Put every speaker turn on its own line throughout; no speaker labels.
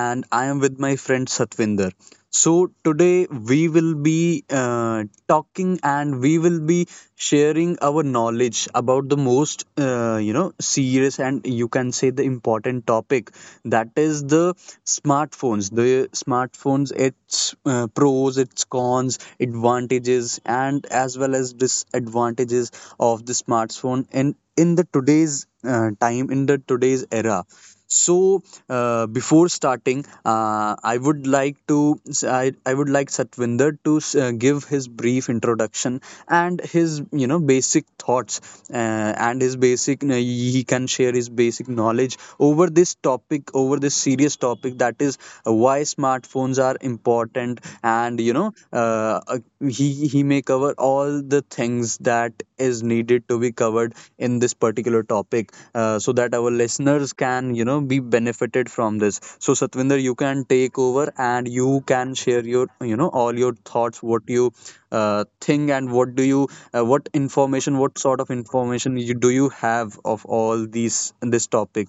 and I am with my friend Satvinder. So, today we will be talking, and we will be sharing our knowledge about the most serious, and you can say the important topic, that is the smartphones. The smartphones, its pros, its cons, advantages, and as well as disadvantages of the smartphone in the today's time, in the today's era. So, before starting, I would like Satvinder to give his brief introduction, and his basic thoughts, and his basic he can share his basic knowledge over this serious topic. That is why smartphones are important, and he may cover all the things that is needed to be covered in this particular topic, so that our listeners can be benefited from this. So Satvinder, you can take over, and you can share your you know all your thoughts, what you think, and what do you what sort of information you do you have of all these this topic.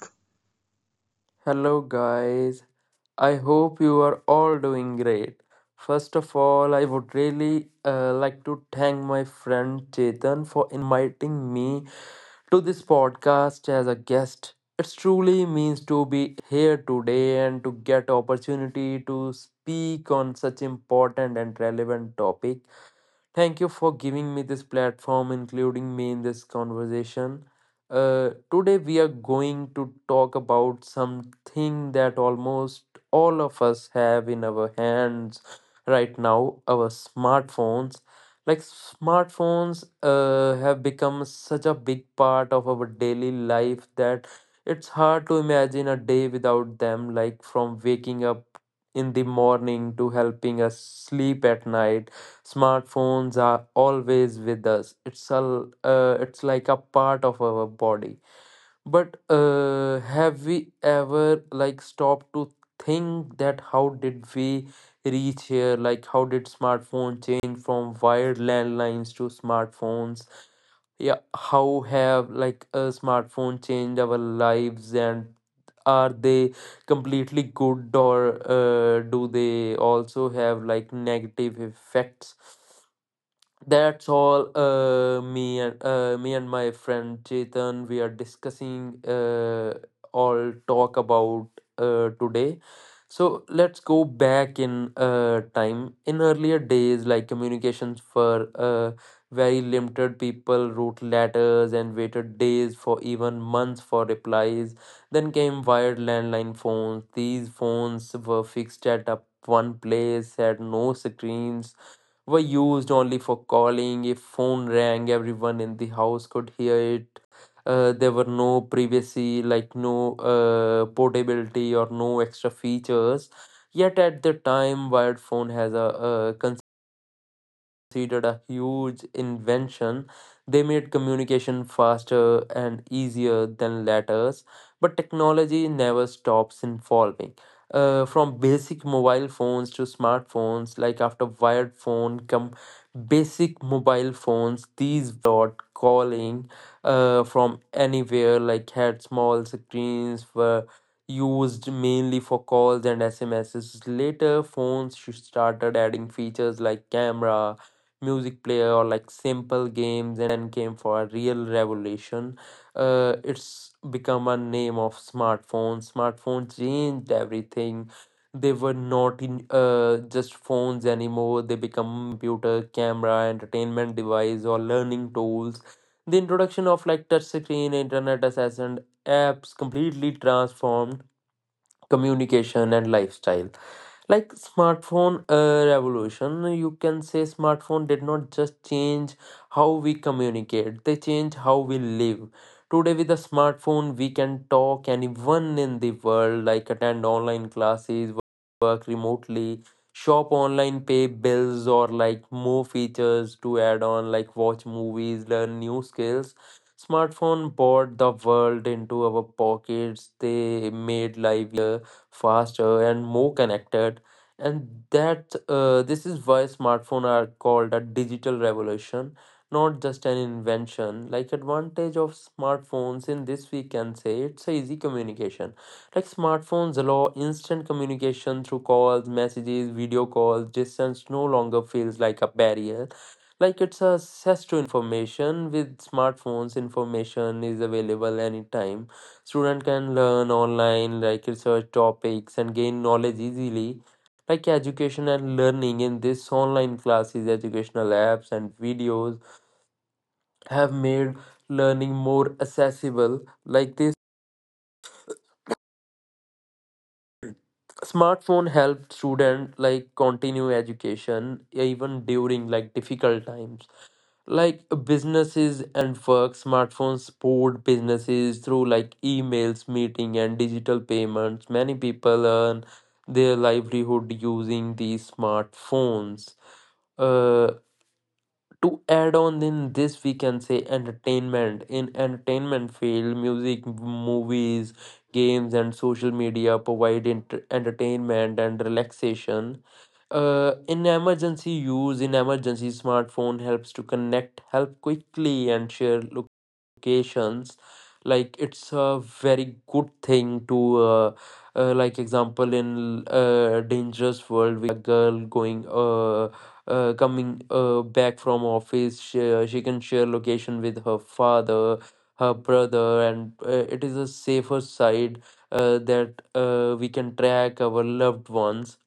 Hello, guys. I hope you are all doing great. First of all, I would really like to thank my friend Chetan for inviting me to this podcast as a guest. It truly means to be here today and to get opportunity to speak on such important and relevant topic. Thank you for giving me this platform, including me in this conversation. Today, we are going to talk about something that almost all of us have in our hands right now, our smartphones. Like, smartphones have become such a big part of our daily life that it's hard to imagine a day without them, like, from waking up in the morning to helping us sleep at night. Smartphones are always with us. It's like a part of our body. But have we ever like stopped to think that how did we reach here? Like, how did smartphone change from wired landlines to smartphones? Yeah, how have like a smartphone changed our lives, and are they completely good, or do they also have like negative effects? That's all me and my friend Chetan we are discussing all talk about today. So let's go back in time. In earlier days, like communications for very limited, people wrote letters and waited days for even months for replies. Then came wired landline phones. These phones were fixed at up one place, had no screens, were used only for calling. If phone rang, everyone in the house could hear it. There were no privacy, like no portability or no extra features. Yet at the time, wired phone has a considered a huge invention. They made communication faster and easier than letters, but technology never stops evolving from basic mobile phones to smartphones. Like after wired phone come basic mobile phones, these lot calling from anywhere, like had small screens, were used mainly for calls and smss. Later phones started adding features like camera, music player, or like simple games. Then came for a real revolution, it's become a name of smartphone. Smartphone changed everything. They were not in just phones anymore, they become computer, camera, entertainment device, or learning tools. The introduction of like touch screen, internet access, and apps completely transformed communication and lifestyle. Like smartphone revolution, you can say. Smartphone did not just change how we communicate, they change how we live. Today with a smartphone we can talk anyone in the world, like attend online classes, work remotely, shop online, pay bills, or like more features to add on like watch movies, learn new skills. Smartphone brought the world into our pockets. They made life faster and more connected, and that this is why smartphones are called a digital revolution, not just an invention. Like advantage of smartphones, in this we can say it's a easy communication, like smartphones allow instant communication through calls, messages, video calls. Distance no longer feels like a barrier. Like it's access to information, with smartphones information is available anytime, student can learn online, like research topics and gain knowledge easily. Like education and learning, in this online classes, educational apps, and videos have made learning more accessible. Like this smartphone helped student like continue education even during like difficult times. Like businesses and work, smartphones support businesses through like emails, meeting, and digital payments. Many people earn their livelihood using these smartphones. Uh. To add on, in this we can say entertainment. In entertainment field, music, movies, games, and social media provide entertainment and relaxation. In emergency use, in emergency, smartphone helps to connect help quickly and share locations. Like it's a very good thing to, like example in dangerous world, we girl going coming back from office, she can share location with her father, her brother, and it is a safer side that we can track our loved ones.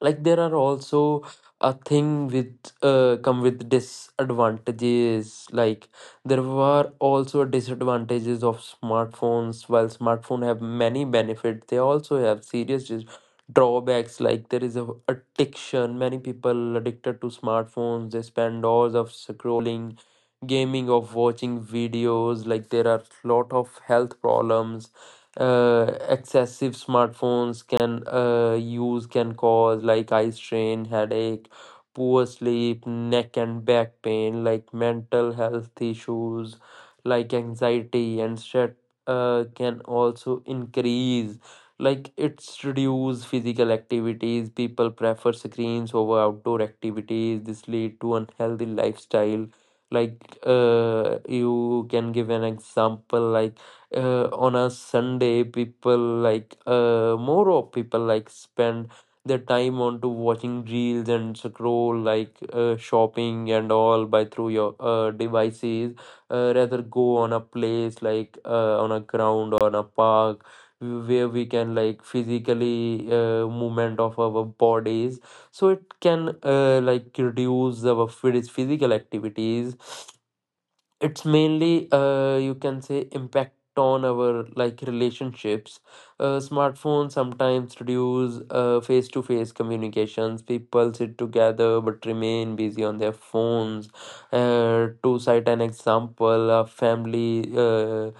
Like there are also a thing with come with disadvantages. Like there were also disadvantages of smartphones. While smartphone have many benefits, they also have serious drawbacks. Like there is a addiction, many people addicted to smartphones, they spend hours of scrolling, gaming, of watching videos. Like there are lot of health problems. Excessive smartphones can use can cause like eye strain, headache, poor sleep, neck and back pain. Like mental health issues like anxiety and stress can also increase. Like it's reduce physical activities, people prefer screens over outdoor activities. This lead to unhealthy lifestyle. Like you can give an example. Like on a Sunday, people like more of people like spend their time on to watching reels and scroll, like shopping and all by through your devices, rather go on a place like on a ground or on a park where we can like physically movement of our bodies. So it can like reduce our physical activities. It's mainly you can say impact on our like relationships. Smartphones sometimes reduce face-to-face communications, people sit together but remain busy on their phones. To cite an example, a family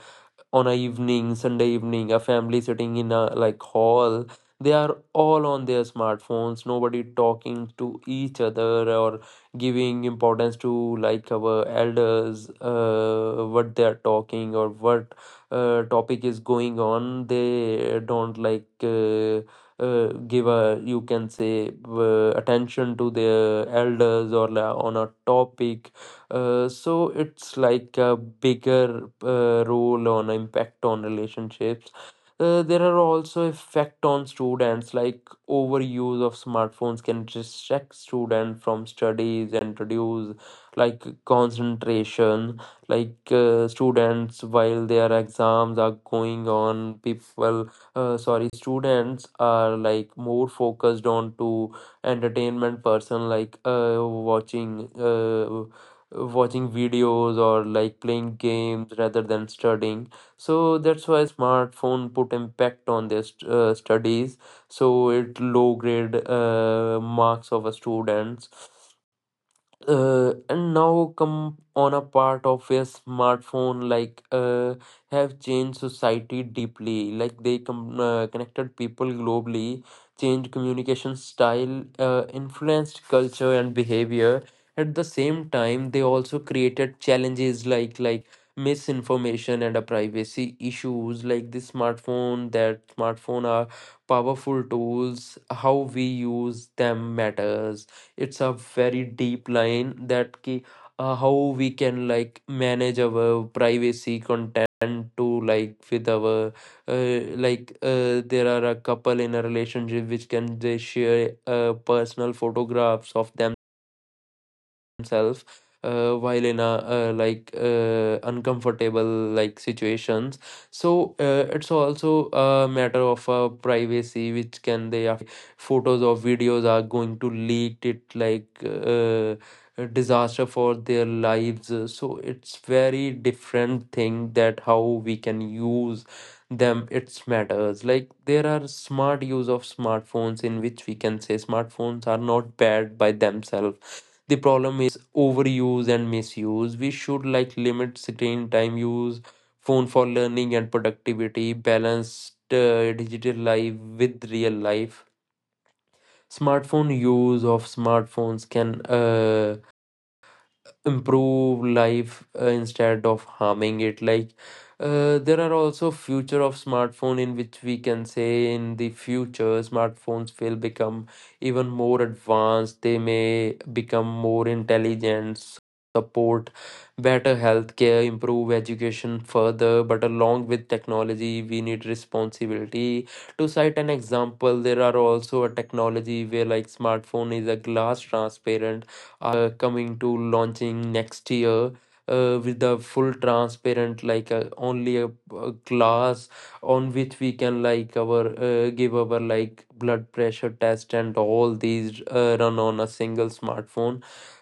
on a evening Sunday evening, a family sitting in a like hall, they are all on their smartphones, nobody talking to each other or giving importance to like our elders, what they are talking or what topic is going on. They don't like give a, you can say attention to their elders or on a topic, so it's like a bigger role on impact on relationships. There are also effect on students, like overuse of smartphones can distract students from studies and reduce like concentration. Like students while their exams are going on, people sorry students are like more focused on to entertainment person like watching watching videos or like playing games rather than studying. So that's why smartphone put impact on their studies, so it low grade marks of a students. And now come on a part of a smartphone, like have changed society deeply, like they connected people globally, changed communication style, influenced culture and behavior. At the same time, they also created challenges like misinformation and a privacy issues. Like the smartphone, that smartphone are powerful tools, how we use them matters. It's a very deep line that how we can like manage our privacy content to like with our uh, like there are a couple in a relationship which can they share personal photographs of themselves while in a like uncomfortable like situations. So it's also a matter of privacy, which can they after photos or videos are going to lead it like a disaster for their lives. So it's very different thing that how we can use them, it matters. Like there are smart use of smartphones, in which we can say smartphones are not bad by themselves, the problem is overuse and misuse. We should like limit screen time, use phone for learning and productivity, balance digital life with real life. Smartphone use of smartphones can improve life, instead of harming it. Like there are also future of smartphone, in which we can say in the future smartphones will become even more advanced, they may become more intelligent, support better healthcare, improve education further. But along with technology we need responsibility. To cite an example, there are also a technology where like smartphone is a glass transparent are coming to launching next year, with the full transparent, like only a glass on which we can like our give our like blood pressure test and all these run on a single smartphone.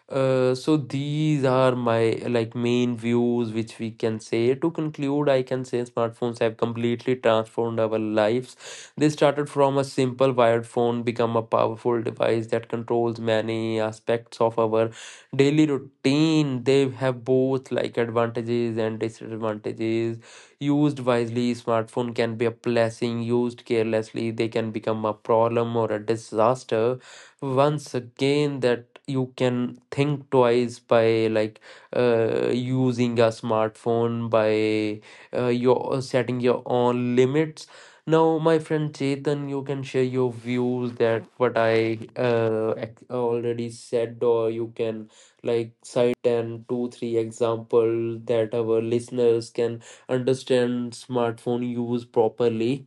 So these are my like main views which we can say. To conclude, I can say smartphones have completely transformed our lives. They started from a simple wired phone, become a powerful device that controls many aspects of our daily routine. They have both like advantages and disadvantages. Used wisely, smartphone can be a blessing. Used carelessly, they can become a problem or a disaster. Once again, that you can think twice by like using a smartphone by your setting your own limits. Now my friend Chetan, you can share your views, that what I already said, or you can like cite ten, two, three example that our listeners can understand smartphone use properly.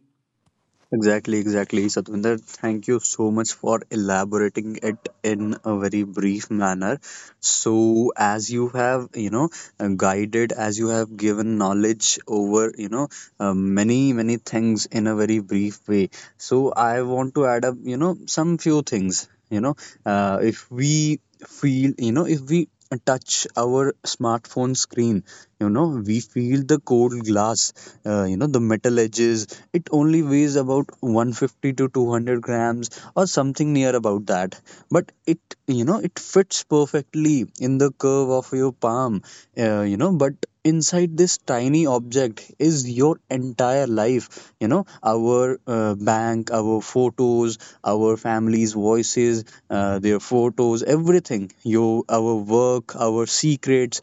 Exactly, exactly, Satvinder. Thank you so much for elaborating it in a very brief manner. So, as you have guided, as you have given knowledge over many, many things in a very brief way. So, I want to add up some few things. If we feel, you know, if we touch our smartphone screen, we feel the cold glass, the metal edges. It only weighs about 150 to 200 grams, or something near about that, but it you know it fits perfectly in the curve of your palm, but inside this tiny object is your entire life. Our bank, our photos, our family's voices, their photos, everything, your our work, our secrets,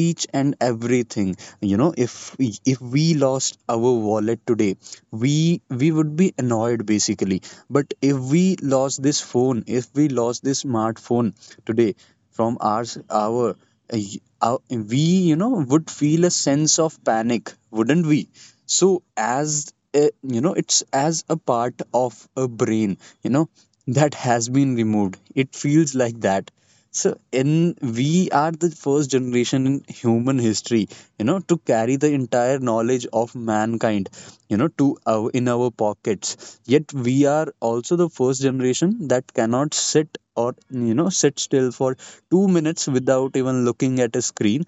each and everything. If we lost our wallet today, we would be annoyed basically. But if we lost this phone if we lost this smartphone today, from ours uh, our- we would feel a sense of panic, wouldn't we? So as uh, you know it's as a part of a brain you know that has been removed. It feels like that. So, in we are the first generation in human history, to carry the entire knowledge of mankind, to in our pockets. Yet we are also the first generation that cannot sit or you know sit still for 2 minutes without even looking at a screen.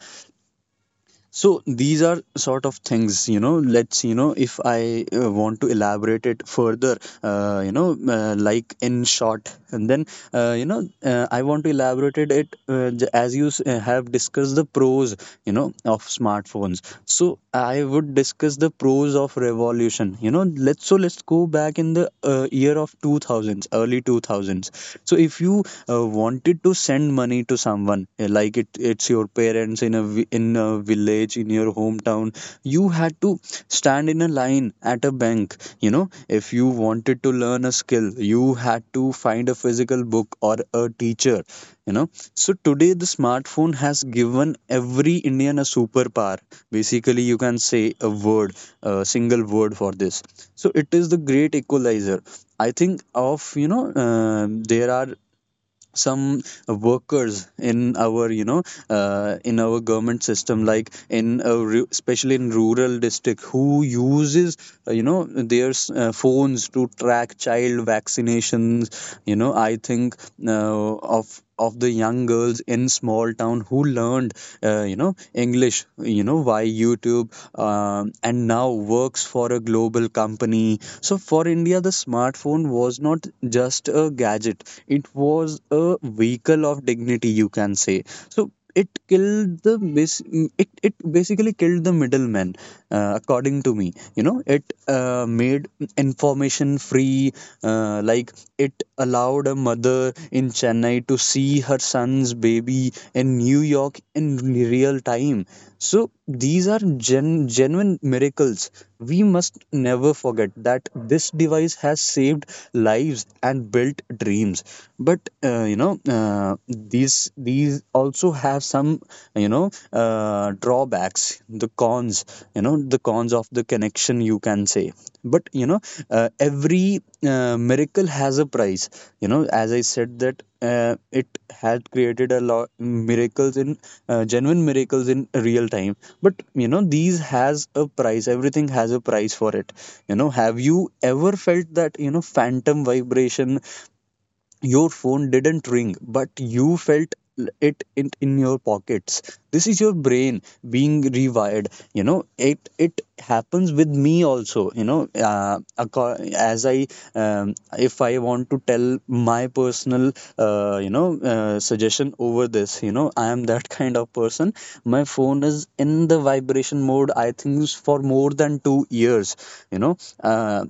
So these are sort of things. If I want to elaborate it further, like in short, and then, I want to elaborate it, as you have discussed the pros of smartphones. So I would discuss the pros of revolution. You know, let's so let's go back in the year of two thousands, early two thousands. So if you wanted to send money to someone, like it's your parents in a village in your hometown, you had to stand in a line at a bank. If you wanted to learn a skill, you had to find a physical book or a teacher. you know so today, the smartphone has given every Indian a superpower, basically. You can say a single word for this. So it is the great equalizer, I think of you know There are some workers in our government system, like especially in rural district, who uses their phones to track child vaccinations. I think uh, of the young girls in small town who learned English via YouTube, and now works for a global company. So for India, the smartphone was not just a gadget, it was a vehicle of dignity, you can say. So it basically killed the middleman, according to me. It made information free, like it allowed a mother in Chennai to see her son's baby in New York in real time. So these are genuine miracles. We must never forget that this device has saved lives and built dreams. But these also have some drawbacks. The cons of the connection, you can say. But every miracle has a price. As I said, that it had created a lot miracles, in genuine miracles in real time. But these has a price. Everything has a price for it. Have you ever felt that phantom vibration? Your phone didn't ring, but you felt it in your pockets. This is your brain being rewired. It happens with me also. You know uh, acco- as i um, if I want to tell my personal suggestion over this, I am that kind of person. My phone is in the vibration mode, I think, for more than 2 years. you know uh,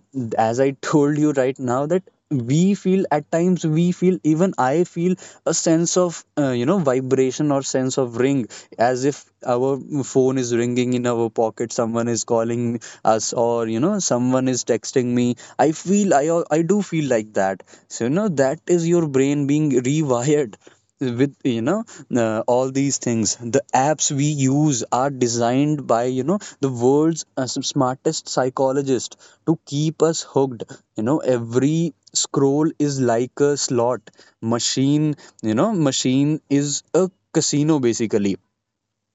as I told you right now, that we feel at times, we feel, even I feel a sense of vibration, or sense of ring, as if our phone is ringing in our pocket, someone is calling us, or someone is texting me. I do feel like that. So That is your brain being rewired with all these things. The apps we use are designed by the world's smartest psychologist to keep us hooked. Every scroll is like a slot machine. Machine is a casino, basically.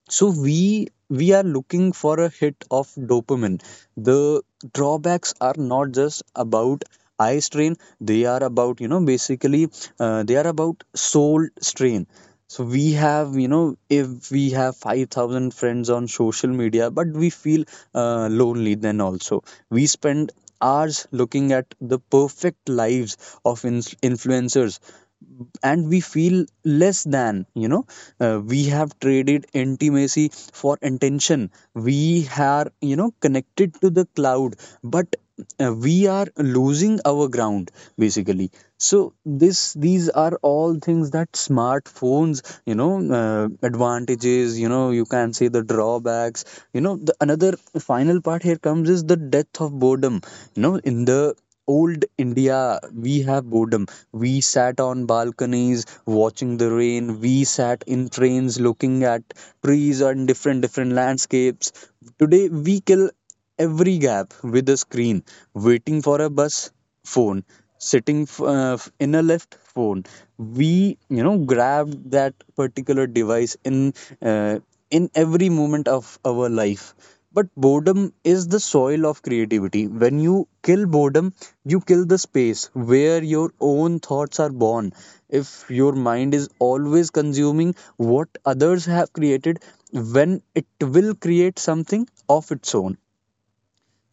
So we are looking for a hit of dopamine. The drawbacks are not just about eye strain; they are about soul strain. So we have you know if we have 5,000 friends on social media, but we feel lonely. Then also we spend hours looking at the perfect lives of influencers, and we feel less than. We have traded intimacy for intention. We are connected to the cloud, but we are losing our ground, basically. So this these are all things that smartphones advantages, you can say the drawbacks. The another final part here comes is the death of boredom. In the old India, we have boredom. We sat on balconies watching the rain. We sat in trains looking at trees and different different landscapes. Today we kill every gap with a screen, waiting for a bus phone, sitting in a lift phone. We grabbed that particular device uh, in every moment of our life. But boredom is the soil of creativity. When you kill boredom, you kill the space where your own thoughts are born. If your mind is always consuming what others have created, when it will create something of its own.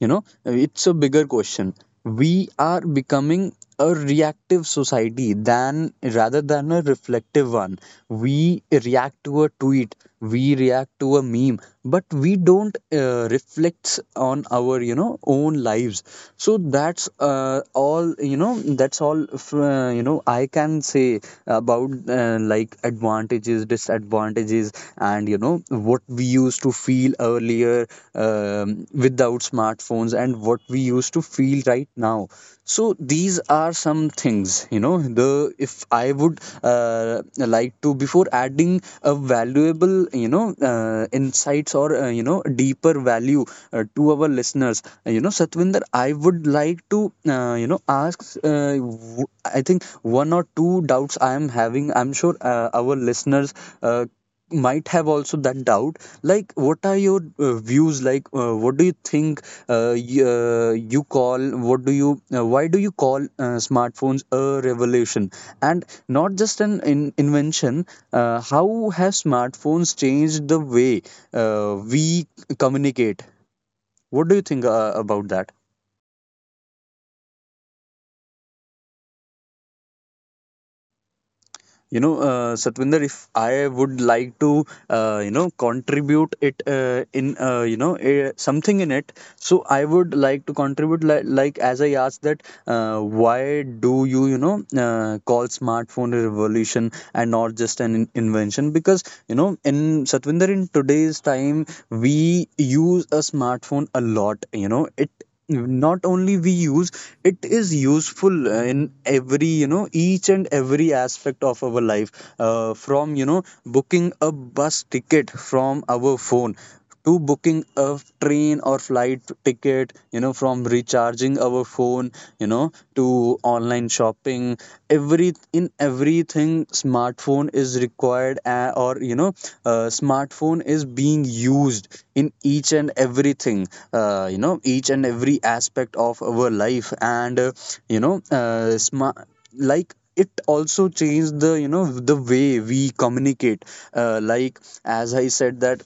It's a bigger question. We are becoming a reactive society, than rather than a reflective one. We react to a tweet, we react to a meme, but we don't reflects on our own lives. So that's all, I can say about, like, advantages, disadvantages, and what we used to feel earlier, um, without smartphones, and what we used to feel right now. So these are some things. You know the if I would uh, like to, before adding a valuable you know insights, or deeper value, to our listeners, Satvinder, I would like to, ask. I think one or two doubts I am having. I'm sure our listeners uh, might have also that doubt. Like, what are your views? Like, what do you think y- you call? What do you? Why do you call smartphones a revolution? And not just an invention. How have smartphones changed the way we communicate? What do you think about that? Satvinder, if I would like to, contribute it something in it, so I would like to contribute, as I asked that why do you you know call smartphone a revolution and not just an invention, because in Satvinder, in today's time, we use a smartphone a lot. It, not only we use it, is useful in every, each and every aspect of our life, from booking a bus ticket from our phone to booking a train or flight ticket, from recharging our phone, to online shopping. Every in everything, smartphone is required, or smartphone is being used in each and everything. Each and every aspect of our life, and you know, smart like it also changed the you know the way we communicate, uh, like as I said that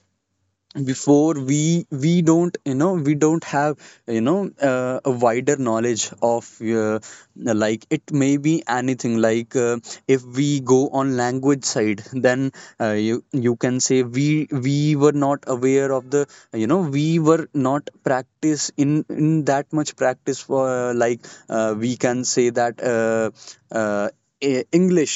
before, we don't, we don't have, a wider knowledge of like, it may be anything, if we go on language side, then you can say, we were not aware of the, we were not practice, in that much practice for, we can say that uh, English,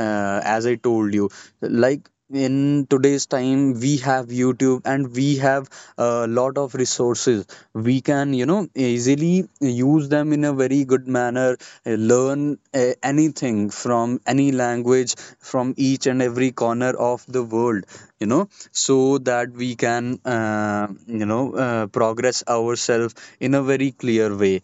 as I told you, like in today's time we have YouTube, and we have a lot of resources. We can easily use them in a very good manner, learn anything from any language, from each and every corner of the world, so that we can progress ourselves in a very clear way.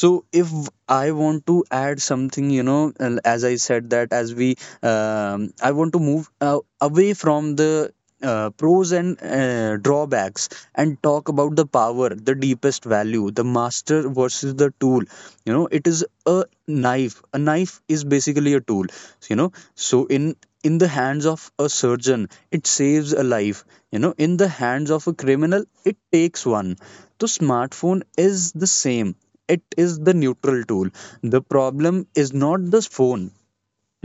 So if I want to add something, and as I said, that as I want to move away from the pros and drawbacks, and talk about the power, the deepest value, the master versus the tool. It is a knife. A knife is basically a tool. So in the hands of a surgeon, it saves a life. In the hands of a criminal, it takes one. So smartphone is the same. It is the neutral tool. The problem is not this phone.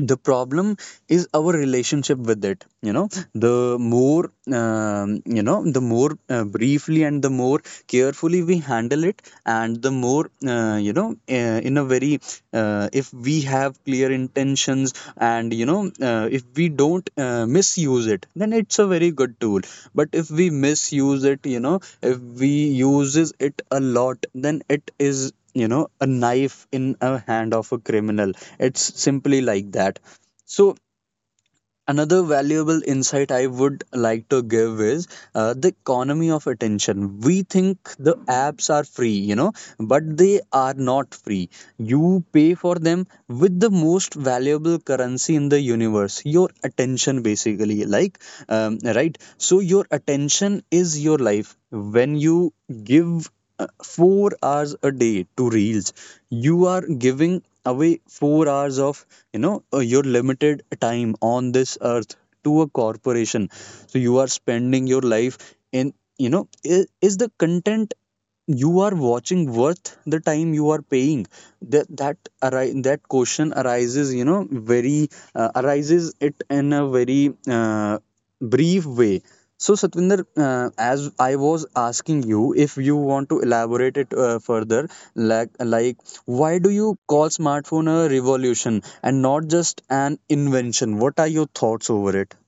The problem is our relationship with it. The more the more briefly and the more carefully we handle it, and the more you know in a very if we have clear intentions, and if we don't misuse it, then it's a very good tool. But if we misuse it, if we uses it a lot, then it is a knife in a hand of a criminal. It's simply like that. So another valuable insight I would like to give is the economy of attention. We think the apps are free, but they are not free. You pay for them with the most valuable currency in the universe: your attention. Basically, right. So your attention is your life. When you give 4 hours a day to reels, you are giving away 4 hours of your limited time on this earth to a corporation. So you are spending your life in, is the content you are watching worth the time you are paying? That that question arises, very arises it in a very brief way. So Satvinder, as I was asking you, if you want to elaborate it further, like why do you call smartphone a revolution and not just an invention? What are your thoughts over it?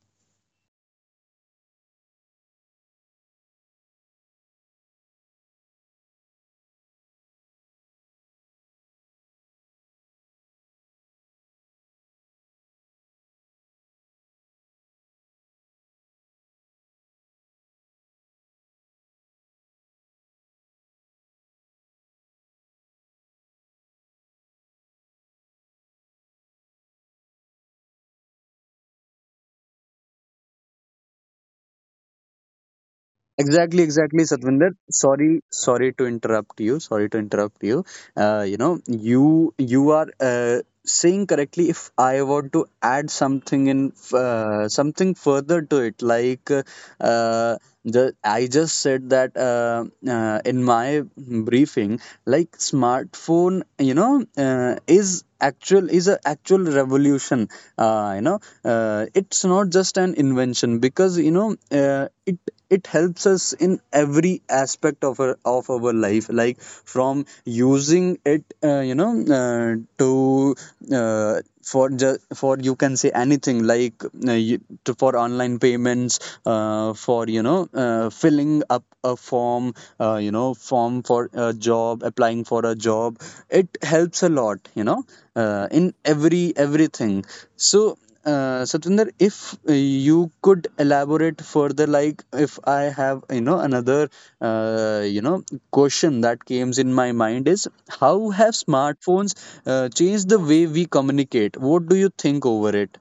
Exactly, exactly, Satvinder. Sorry to interrupt you. Sorry to interrupt you. You are saying correctly. If I want to add something in, something further to it, like the I just said that in my briefing, like smartphone, is actual is a actual revolution. It's not just an invention, because it helps us in every aspect of our life, like from using it you know to for ju- for you can say anything, like you, to, for online payments, for you know filling up a form, form for a job, applying for a job. It helps a lot, in everything. So Satvinder, if you could elaborate further, like, if I have, another, uh, you know, question that comes in my mind is, how have smartphones changed the way we communicate? What do you think over it?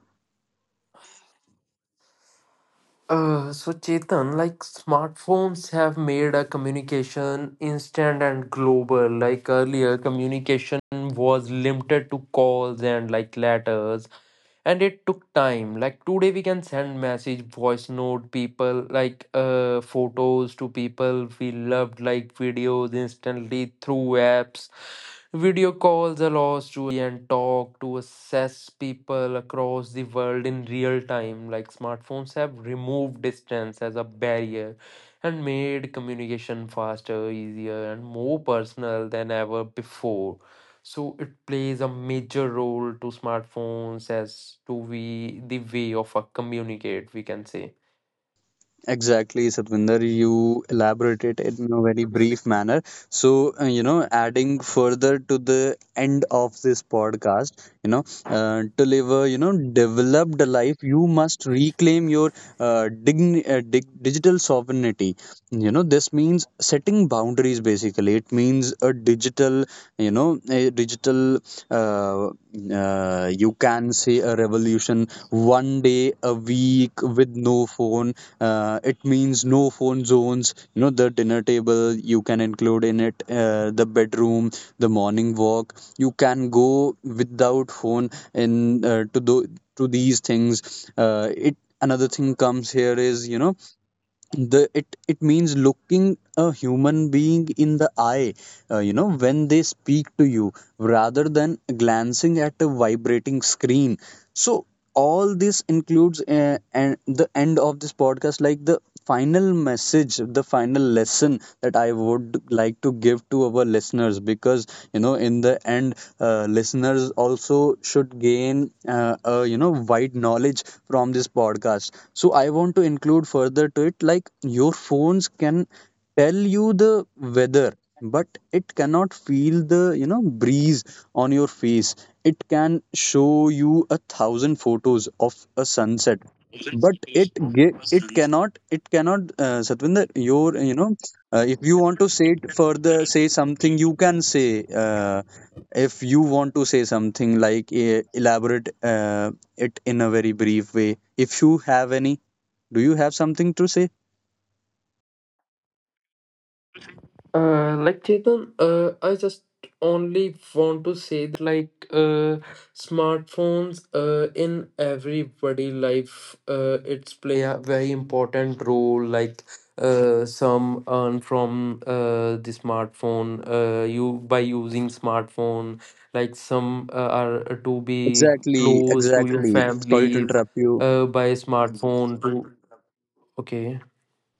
So Chetan, like smartphones have made a communication instant and global. Like earlier, communication was limited to calls and like letters, and it took time. Like today we can send message, voice note people like photos to people we loved, like videos instantly through apps. Video calls allow us to and talk to assess people across the world in real time. Like smartphones have removed distance as a barrier and made communication faster, easier, and more personal than ever before. So it plays a major role to smartphones as to we the way of a communicate, we can say.
Exactly, Satvinder, you elaborated it in a very brief manner. So, adding further to the end of this podcast, you know, to live a, developed life, you must reclaim your digital sovereignty. This means setting boundaries, basically. It means a digital, uh, you can say, a revolution one day a week with no phone. It means no phone zones, the dinner table, you can include in it, the bedroom, the morning walk, you can go without phone in, to these things. Uh, it, another thing comes here is, you know the it it means looking a human being in the eye, when they speak to you, rather than glancing at a vibrating screen. So all this includes, and the end of this podcast, like the final message, the final lesson, that I would like to give to our listeners, because in the end, listeners also should gain a wide knowledge from this podcast. So I want to include further to it, like, your phones can tell you the weather, but it cannot feel the breeze on your face. It can show you a thousand photos of a sunset, but it cannot Satvinder, your you know if you want to say it further, say something. You can say, uh, if you want to say something, like elaborate it in a very brief way. If you have any, do you have something to say?
Like Chetan, I just only want to say that like smartphones in everybody life it's play a very important role. Like some earn from the smartphone, you by using smartphone. Like some are to be
Exactly,
close to your
exactly. Sorry to
families
interrupt you.
by smartphone to okay.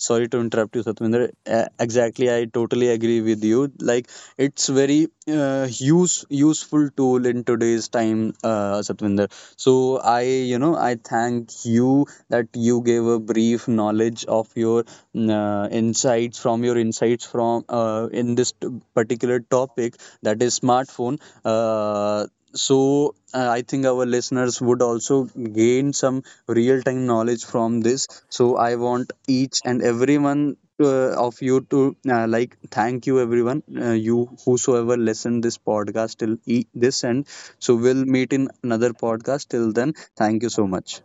Sorry to interrupt you, Satwinder. Exactly, I totally agree with you. Like, it's very useful tool in today's time, Satwinder. So I thank you that you gave a brief knowledge of your insights from in this particular topic, that is smartphone. Uh, so I think our listeners would also gain some real time knowledge from this. So I want each and everyone of you to like, thank you everyone, you, whosoever listened this podcast till this end. So we'll meet in another podcast, till then. Thank you so much.